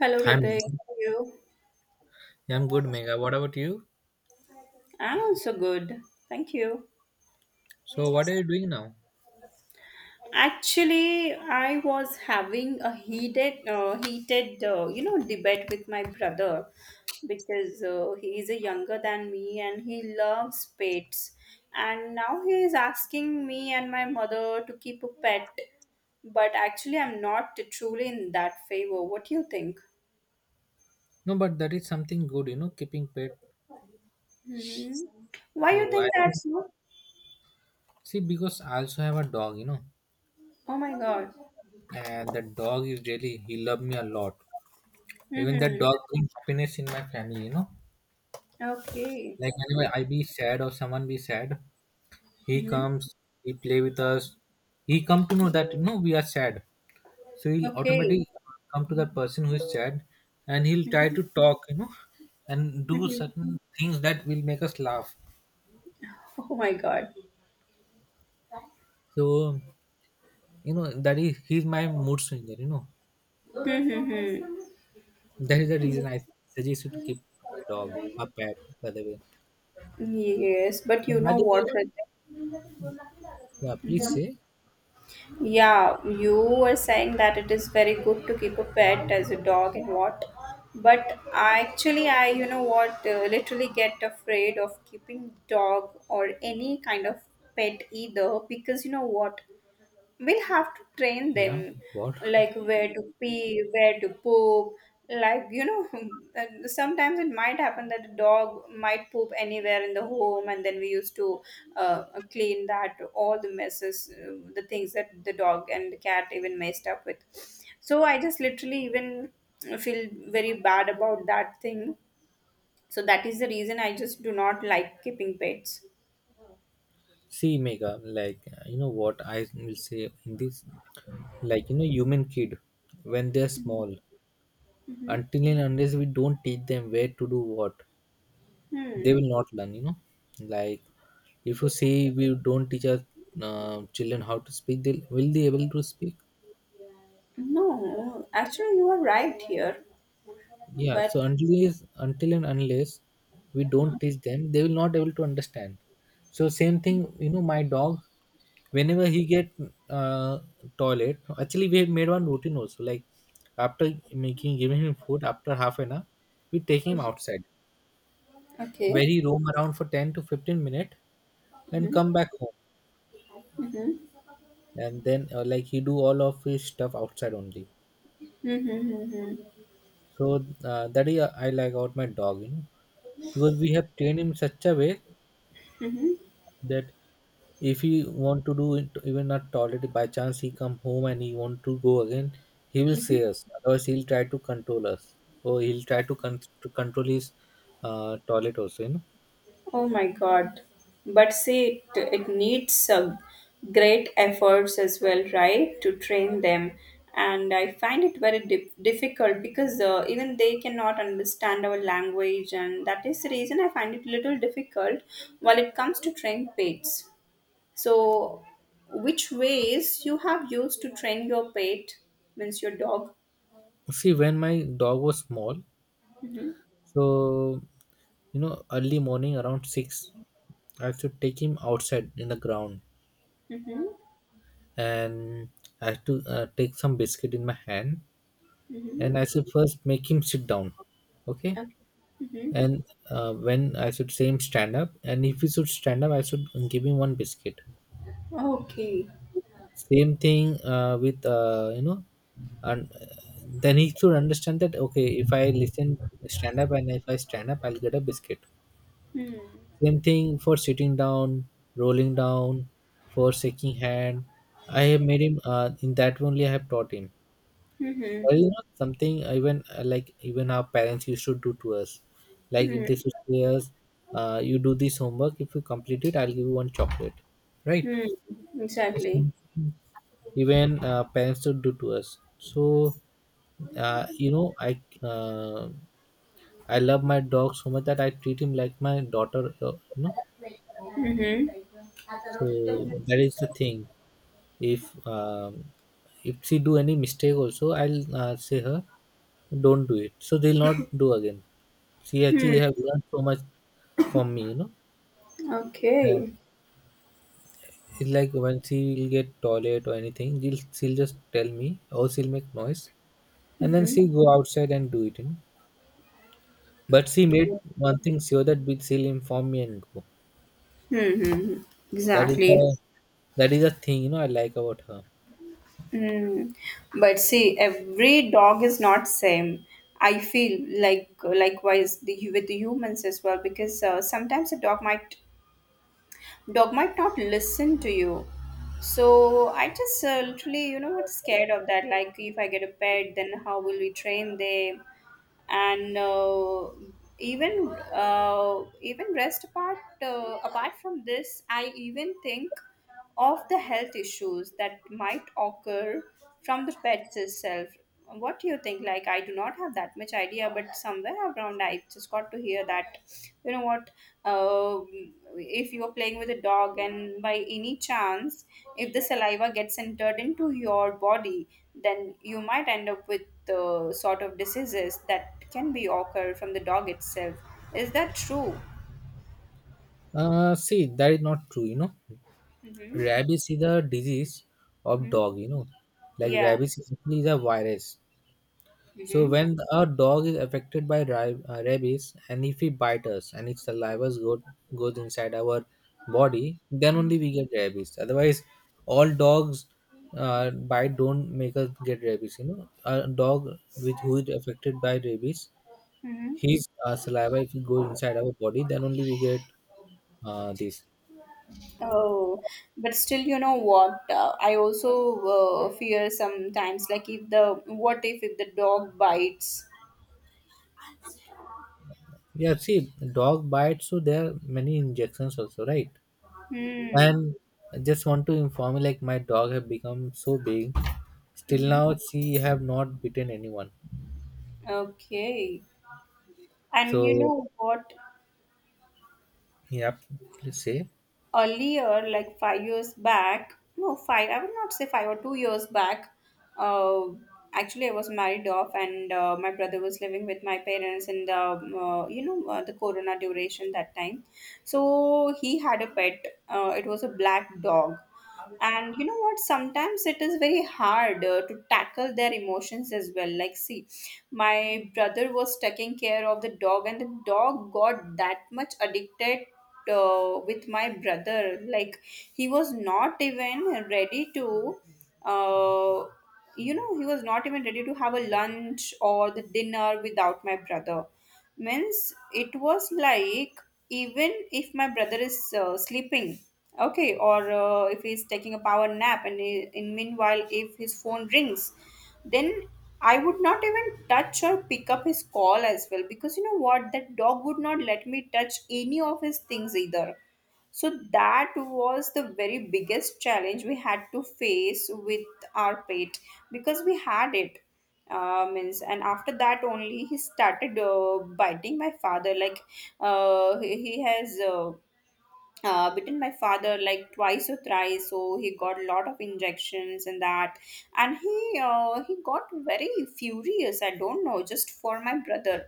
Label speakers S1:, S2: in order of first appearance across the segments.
S1: Hello,
S2: Hi,
S1: Ritik.
S2: Meghna.
S1: How are you?
S2: Yeah, I'm good, Mega. What about you?
S1: I'm also good. Thank you.
S2: So, what are you doing now?
S1: Actually, I was having a heated, debate with my brother because he is a younger than me and he loves pets. And now he is asking me and my mother to keep a pet, but actually, I'm not truly in that favor. What do you think?
S2: No, but that is something good, keeping pet.
S1: hmm Why you
S2: So,
S1: think
S2: I
S1: that's not?
S2: see because I also have a dog,
S1: Oh my God.
S2: and the dog is really he love me a lot. Even that
S1: Mm-hmm.
S2: dog brings happiness in my family.
S1: Okay.
S2: Like whenever I be sad or someone be sad, he
S1: hmm
S2: comes, he play with us. He come to know that we are sad, so he'll
S1: Okay.
S2: automatically come to that person who is sad, and he'll try
S1: hmm
S2: to talk, and do
S1: hmm
S2: certain things that will make us laugh.
S1: Oh my God.
S2: So, that is he's my mood swinger.
S1: hmm
S2: That is the reason I suggest you to keep a dog, a pet, by the way.
S1: Yes, but
S2: And
S1: you
S2: by
S1: know
S2: the way,
S1: what? Rajat?
S2: yeah, please
S1: Mhm.
S2: say,
S1: Yeah, you were saying that it is very good to keep a pet as a dog and what, but I literally get afraid of keeping dog or any kind of pet either because you know what, we'll have to train
S2: yeah,
S1: them
S2: what?
S1: like where to pee where to poop like you know. And sometimes it might happen that a dog might poop anywhere in the home and then we used to uh, clean that all the messes, the things that the dog and the cat even messed up with. So I just literally even feel very bad about that thing. So that is the reason I just do not like keeping pets.
S2: See, Mega, you know what I will say in this? Like, human kid, when they're small,
S1: hmm
S2: until and unless we don't teach them where to do what, they
S1: hmm
S2: will not learn. Like, if you see we don't teach our children how to speak, they will they able to speak?
S1: no, actually you are right here.
S2: Yeah,
S1: But
S2: so unless until and unless we don't teach them, they will not able to understand. So same thing, my dog, whenever he get uh, toilet, actually we have made one routine also. Like after making giving him food, after half an hour, we take him outside
S1: okay.
S2: where he roam around for 10 to 15 minutes and come
S1: hmm
S2: back home,
S1: hmm
S2: and then like he do all of his stuff outside only.
S1: hmm
S2: So that is I like out my dog, because we have trained him such a way
S1: hmm
S2: that if he want to do it even not tolerate by chance he come home and he want to go again, he will say
S1: hmm
S2: us, otherwise he'll try to control us or he'll try to control his toilet also,
S1: Oh my God. But see, it needs great efforts as well, right, to train them. And I find it very difficult because even they cannot understand our language, and that is the reason I find it little difficult while it comes to train pets. So, which ways you have used to train your pet, means your dog?
S2: see when my dog was small,
S1: Mm-hmm.
S2: so early morning around 6 I have to take him outside in the ground,
S1: Mhm.
S2: and I have to take some biscuit in my hand
S1: Mhm.
S2: and I should first make him sit down, okay,
S1: Okay. Mhm.
S2: and when I should say him stand up, and if he should stand up, I should give him one biscuit.
S1: Okay.
S2: Same thing with and then he should understand that okay, if I listen stand up and if I stand up, I'll get a biscuit.
S1: Mm.
S2: Same thing for sitting down, rolling down, for shaking hand. I have made him in that only. I have taught him.
S1: Mhm.
S2: Or something even like even our parents used to do to us, like if
S1: Mm.
S2: they should say us, you do this homework, if you complete it I'll give you one chocolate, right?
S1: Mm.
S2: So
S1: Exactly.
S2: something even parents should do to us, so uh, you know i uh, I love my dog so much that I treat him like my daughter,
S1: Mhm.
S2: so that is the thing. If if she do any mistake also, I'll say her don't do it, so they'll not do again. She
S1: Hmm.
S2: actually have learned so much from me. And
S1: Okay.
S2: it's like when she will get toilet or anything, she'll just tell me or she'll make noise, and then
S1: Mm-hmm.
S2: she go outside and do it. But she made one thing sure that we- she'll inform me and go.
S1: Mm-hmm.
S2: That is
S1: Exactly.
S2: the that is the thing, I like about her.
S1: Mm. But see, every dog is not same. I feel like likewise the, with the humans as well because sometimes a dog might not listen to you. So I just literally, you know what, scared of that, like if I get a pet then how will we train them? And even rest apart, apart from this I even think of the health issues that might occur from the pets itself. What do you think, like I do not have that much idea, but somewhere around I just got to hear that, you know what, uh, if you are playing with a dog and by any chance if the saliva gets entered into your body, then you might end up with the sort of diseases that can be occur from the dog itself. Is that true?
S2: See, that is not true,
S1: Mm-hmm.
S2: Rabies is a disease of
S1: Mm-hmm.
S2: dog. Like
S1: Yeah.
S2: rabies is actually is a virus. So
S1: Mm-hmm.
S2: when a dog is affected by rabies, and if he bites us and its saliva goes inside our body, then only we get rabies. Otherwise, all dogs bite don't make us get rabies. You know, a dog which who is affected by rabies,
S1: Mm-hmm.
S2: his saliva, if it goes inside our body, then only we get this.
S1: Oh, but still, you know what? I also fear sometimes, like if the, what if the dog bites?
S2: Yeah, see, dog bites, so there are many injections also, right?
S1: Hmm.
S2: And I just want to inform you, like my dog have become so big. Still
S1: Mm-hmm.
S2: now, she have not beaten anyone.
S1: Okay. And you
S2: So,
S1: know what?
S2: yeah, please say.
S1: Earlier, like 5 years back, I would not say 5 or 2 years back, uh, actually, I was married off and my brother was living with my parents in the, the corona duration that time. So he had a pet. It was a black dog. And you know what, sometimes it is very hard to tackle their emotions as well. Like see, my brother was taking care of the dog and the dog got that much addicted with my brother, like he was not even ready to uh, he was not even ready to have a lunch or the dinner without my brother. Means it was like, even if my brother is sleeping, okay, or if he's taking a power nap and in meanwhile if his phone rings, then I would not even touch or pick up his call as well, because you know what, that dog would not let me touch any of his things either. So that was the very biggest challenge we had to face with our pet because we had it. Means, and after that only he started biting my father. Like he has bitten my father like twice or thrice, so he got a lot of injections and that. And he got very furious, I don't know, just for my brother.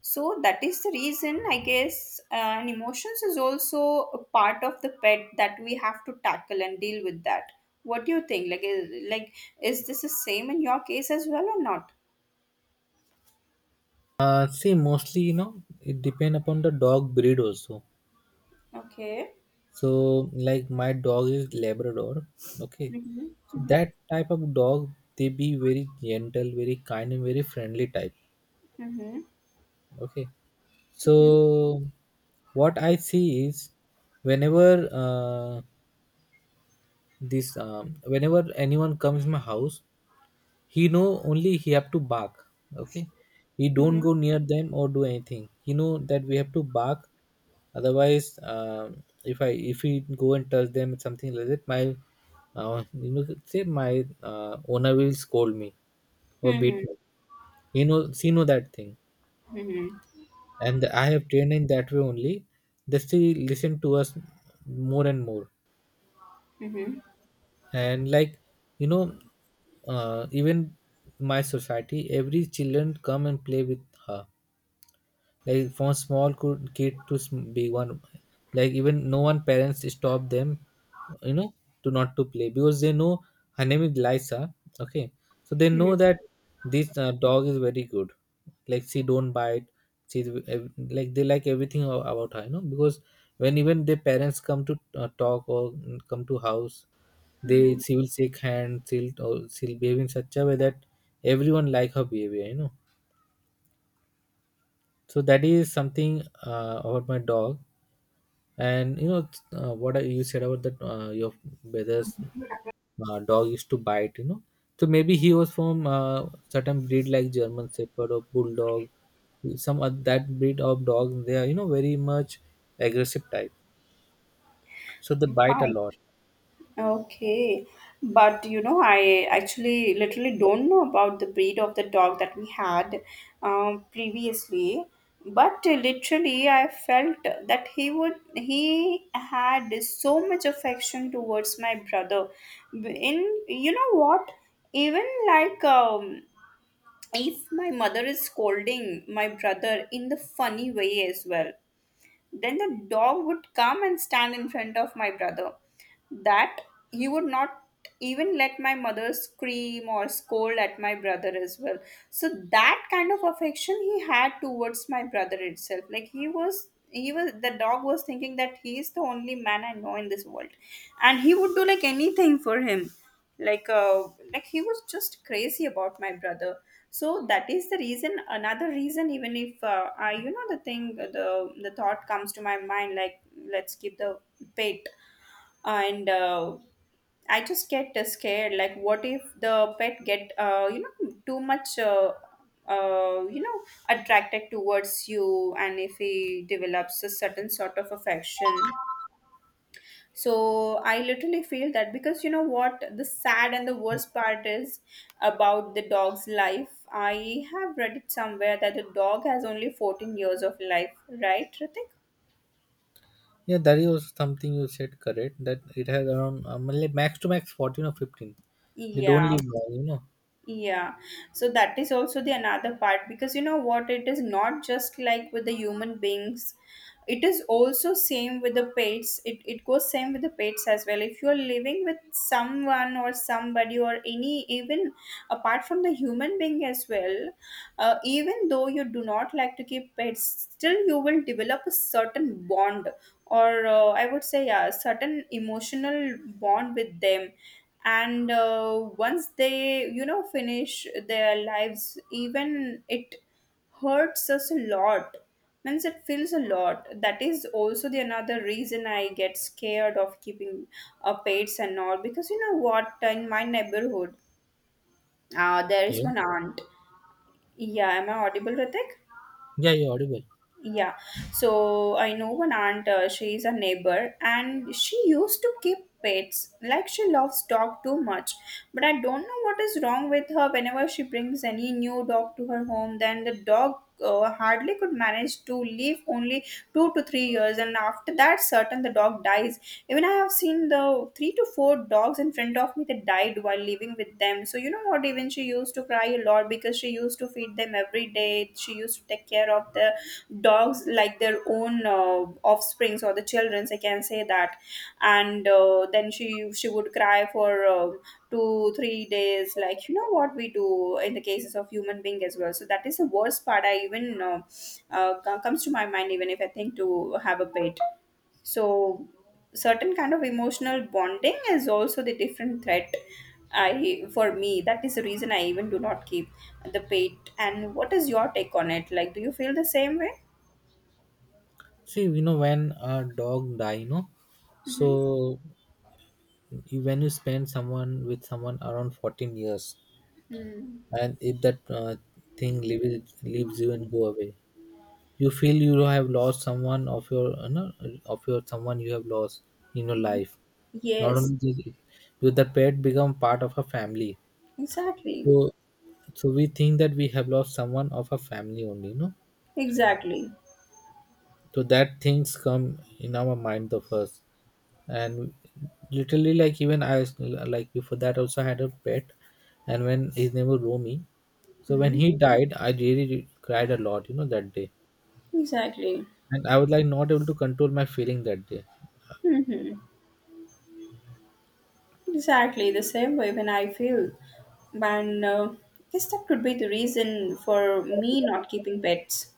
S1: So that is the reason I guess, and emotions is also a part of the pet that we have to tackle and deal with that. What do you think, like is this the same in your case as well or not?
S2: See, mostly, it depend upon the dog breed also.
S1: Okay.
S2: So, like my dog is Labrador. Okay,
S1: Mm-hmm.
S2: so
S1: Mm-hmm.
S2: that type of dog, they be very gentle, very kind, and very friendly type.
S1: Mm-hmm.
S2: Okay, so what I see is, whenever this whenever anyone comes my house, he know only he have to bark. Okay, he don't
S1: Mm-hmm.
S2: go near them or do anything. He know that we have to bark. Otherwise, if we go and touch them something like that, my say my owner will scold me or beat
S1: Mm-hmm.
S2: me. He know she know that thing,
S1: Mm-hmm.
S2: and I have trained in that way only. They still listen to us more and more,
S1: Mm-hmm.
S2: and like you know even my society every children come and play with her, like from small could kid to sm- big one, like even no one parents stop them, you know to not to play, because they know her name is Lisa, okay, so they know that this dog is very good, like she don't bite, she's ev- like they like everything a- about her, because when even their parents come to talk or come to house, they
S1: Mm-hmm.
S2: she will shake hands, she'll, or she'll behave in such a way that everyone like her behavior, so that is something about my dog. And what you said about that your brother's dog used to bite, so maybe he was from certain breed like German Shepherd or Bulldog, some of that breed of dog they are, very much aggressive type, so they bite a
S1: mm
S2: lot.
S1: Okay, but you know, I actually literally don't know about the breed of the dog that we had previously. But literally, I felt that he had so much affection towards my brother. In you know what, even like if my mother is scolding my brother in the funny way as well, then the dog would come and stand in front of my brother. That he would not even let my mother scream or scold at my brother as well. So that kind of affection he had towards my brother itself. Like he was the dog was thinking that he is the only man I know in this world. And he would do like anything for him. Like like he was just crazy about my brother. So that is the reason, another reason, even if I, you know, the thing the thought comes to my mind like let's keep the pet. And I just get scared. Like, what if the pet get too much uh, you know attracted towards you, and if he develops a certain sort of affection? So I literally feel that, because you know what, the sad and the worst part is about the dog's life. I have read it somewhere that the dog has only 14 years of life, right, Ritik?
S2: Yeah, that is also something you said correct, that it has around like max to max 14 or 15, they don't
S1: Yeah,
S2: live long,
S1: yeah, so that is also the another part, because you know what, it is not just like with the human beings, it is also same with the pets. It goes same with the pets as well. If you are living with someone or somebody or any even apart from the human being as well, even though you do not like to keep pets, still you will develop a certain bond or I would say, yeah, certain emotional bond with them. And once they, you know, finish their lives, even it hurts us a lot. Means it feels a lot. That is also the another reason I get scared of keeping pets and all. Because you know what, in my neighborhood there is
S2: yeah,
S1: one aunt. Yeah, am I audible, Ritik?
S2: yeah, you're audible.
S1: Yeah, so I know one aunt, she is a neighbor, and she used to keep pets. Like she loves dog too much. But I don't know what is wrong with her. Whenever she brings any new dog to her home, then the dog hardly could manage to live only 2 to 3 years, and after that, certain the dog dies. Even I have seen the three to four dogs in front of me that died while living with them. So you know what? Even she used to cry a lot because she used to feed them every day. She used to take care of the dogs like their own offsprings or the childrens, I can say that. And then she would cry for 2 3 days like you know what we do in the cases of human being as well. So that is the worst part. I even comes to my mind even if I think to have a pet. So certain kind of emotional bonding is also the different threat, I for me that is the reason I even do not keep the pet. And what is your take on it, like do you feel the same way?
S2: See, when a dog die,
S1: Mhm.
S2: so you- when you spend someone with someone around 14 years,
S1: Hmm.
S2: and if that thing leaves you and go away, you feel you have lost someone of your, of your, someone you have lost in your life. Not
S1: Yes,
S2: only this, because the pet become part of a family.
S1: exactly.
S2: So, so we think that we have lost someone of a family only,
S1: Exactly.
S2: So that things come in our mind of us. And literally like even I was- like before that also I had a pet, and when his name was Romy, so when
S1: Hmm.
S2: he died I really cried a lot, that day,
S1: Exactly.
S2: and I was like not able to control my feeling that day.
S1: hmm Exactly. The same way when I feel. And guess that could be the reason for me not keeping pets.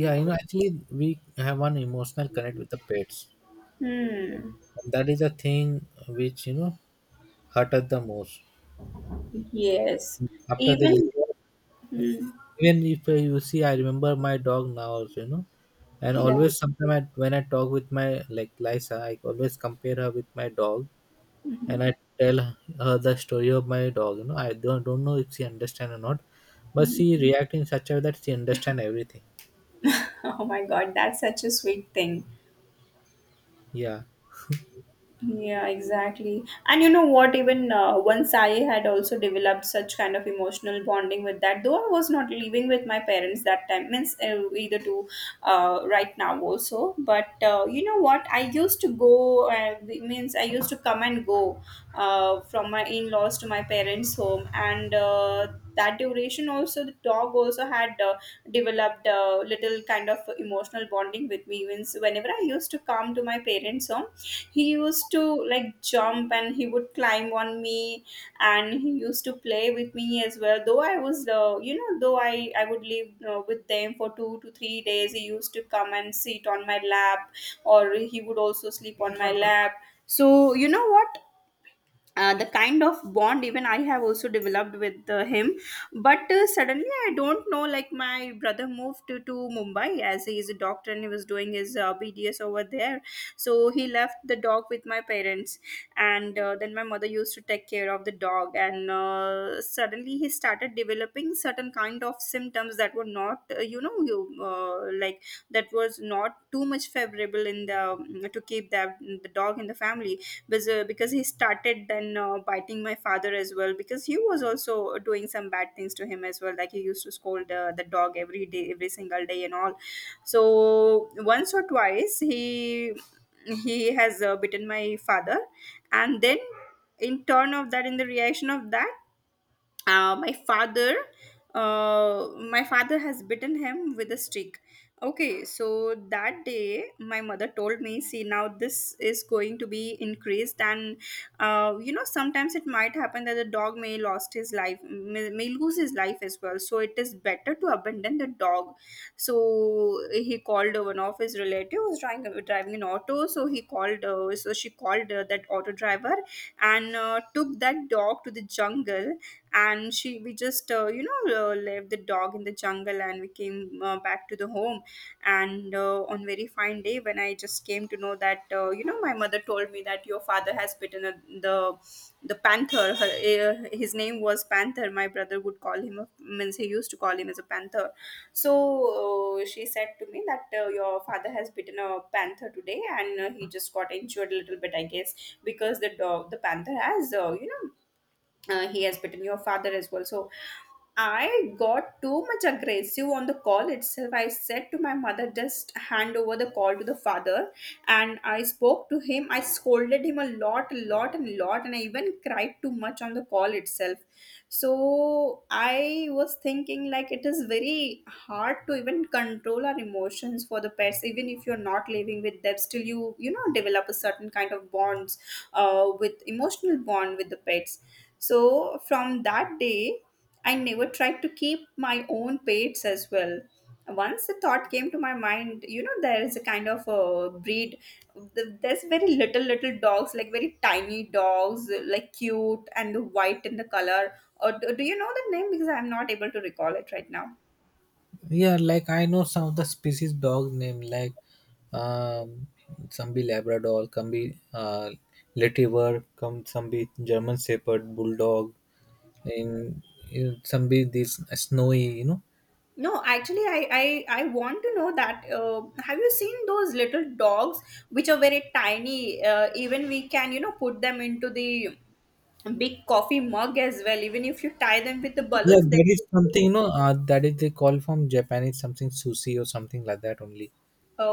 S2: Yeah, actually we have one emotional connect with the pets,
S1: Hmm.
S2: and that is a thing which, hurt us the most
S1: Yes.
S2: after they
S1: Even.
S2: leave.
S1: Hmm.
S2: Even if you see, I remember my dog now also, and
S1: Yeah.
S2: always sometimes when I talk with my like Lisa, I always compare her with my dog,
S1: hmm
S2: and I tell her the story of my dog. I don't know if she understand or not, but she react in such a way that she understand everything.
S1: Oh my God, that's such a sweet thing.
S2: Yeah,
S1: Yeah, exactly. And you know what? Even once I had also developed such kind of emotional bonding with that, though I was not living with my parents that time, means either to right now also. But you know what? I used to go, means I used to come and go from my in laws to my parents' home. And that duration also, the dog also had. Developed a little kind of emotional bonding with me. Means whenever I used to come to my parents' home, he used to like jump and he would climb on me, and he used to play with me as well. Though I was, though I would live with them for 2 to 3 days. He used to come and sit on my lap, or he would also sleep on my lap. So you know what? The kind of bond even I have also developed with him. But suddenly I don't know, like my brother moved to Mumbai, as he is a doctor and he was doing his BDS over there. So he left the dog with my parents, and then my mother used to take care of the dog. And suddenly he started developing certain kind of symptoms that were not, you know you like, that was not too much favorable in the to keep that the dog in the family, because he started then biting my father as well, because he was also doing some bad things to him as well, like he used to scold the dog every day, every single day and all. So once or twice he has bitten my father. And then, in turn of that, in the reaction of that, uh, my father uh, my father has bitten him with a stick. Okay, so that day my mother told me, see, now this is going to be increased, and you know, sometimes it might happen that the dog may lost his life, may lose his life as well. So it is better to abandon the dog. So he called one of his relatives was driving, driving an auto, so he called so she called that auto driver, and took that dog to the jungle. And she, we just, left the dog in the jungle, and we came back to the home. And on very fine day, when I just came to know that, you know, my mother told me that your father has bitten a, the the panther, her, his name was Panther. My brother would call him a, means he used to call him as a Panther. So she said to me that your father has bitten a panther today, and he just got injured a little bit, I guess, because the dog, the panther has, he has bitten your father as well. So I got too much aggressive on the call itself. I said to my mother, just hand over the call to the father. And I spoke to him, I scolded him a lot, a lot and a lot, and I even cried too much on the call itself. So I was thinking, like, it is very hard to even control our emotions for the pets. Even if you're not living with them, still you know, develop a certain kind of bonds, with emotional bond with the pets. So from that day, I never tried to keep my own pets as well. Once the thought came to my mind, you know, there is a kind of a breed. There's very little, little dogs, like very tiny dogs, like cute and white in the color. Or do you know the name? Because I'm not able to recall it right now.
S2: yeah, like I know some of the species dog name like um, some be Labrador, can be Letiver, come some be German Shepherd, Bulldog, and in some be this snowy,
S1: No, actually, I want to know that. Have you seen those little dogs which are very tiny? Even we can, you know, put them into the big coffee mug as well. Even if you tie them with the
S2: Yeah,
S1: balloons, they.
S2: that is something that is they call from Japanese something sushi or something like that only.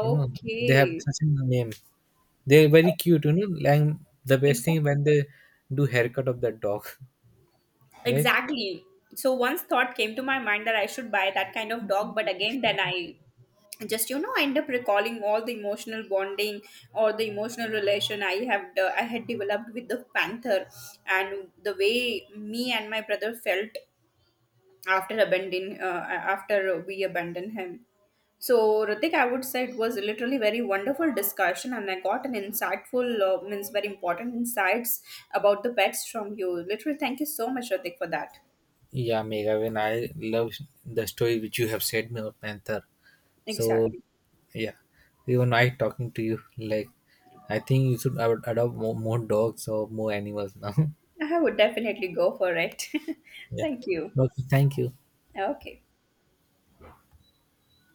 S2: You know, they have such a name. They're very cute, Like the best thing
S1: exactly.
S2: when they do haircut of the dog, right?
S1: Exactly. So once thought came to my mind that I should buy that kind of dog. But again, then I, just you know, I end up recalling all the emotional bonding or the emotional relation I have I had developed with the Panther, and the way me and my brother felt after abandoning, after we abandoned him. So, Ritik, I would say it was literally very wonderful discussion, and I got an insightful, means very important insights about the pets from you. Literally, thank you so much, Ritik, for that.
S2: Yeah, Mega. When I love the story which you have said me about Panther. So
S1: Exactly.
S2: yeah, even I talking to you like I think you should adopt more dogs or more animals now.
S1: I would definitely go for it.
S2: yeah.
S1: Thank you.
S2: Okay. Thank you.
S1: Okay.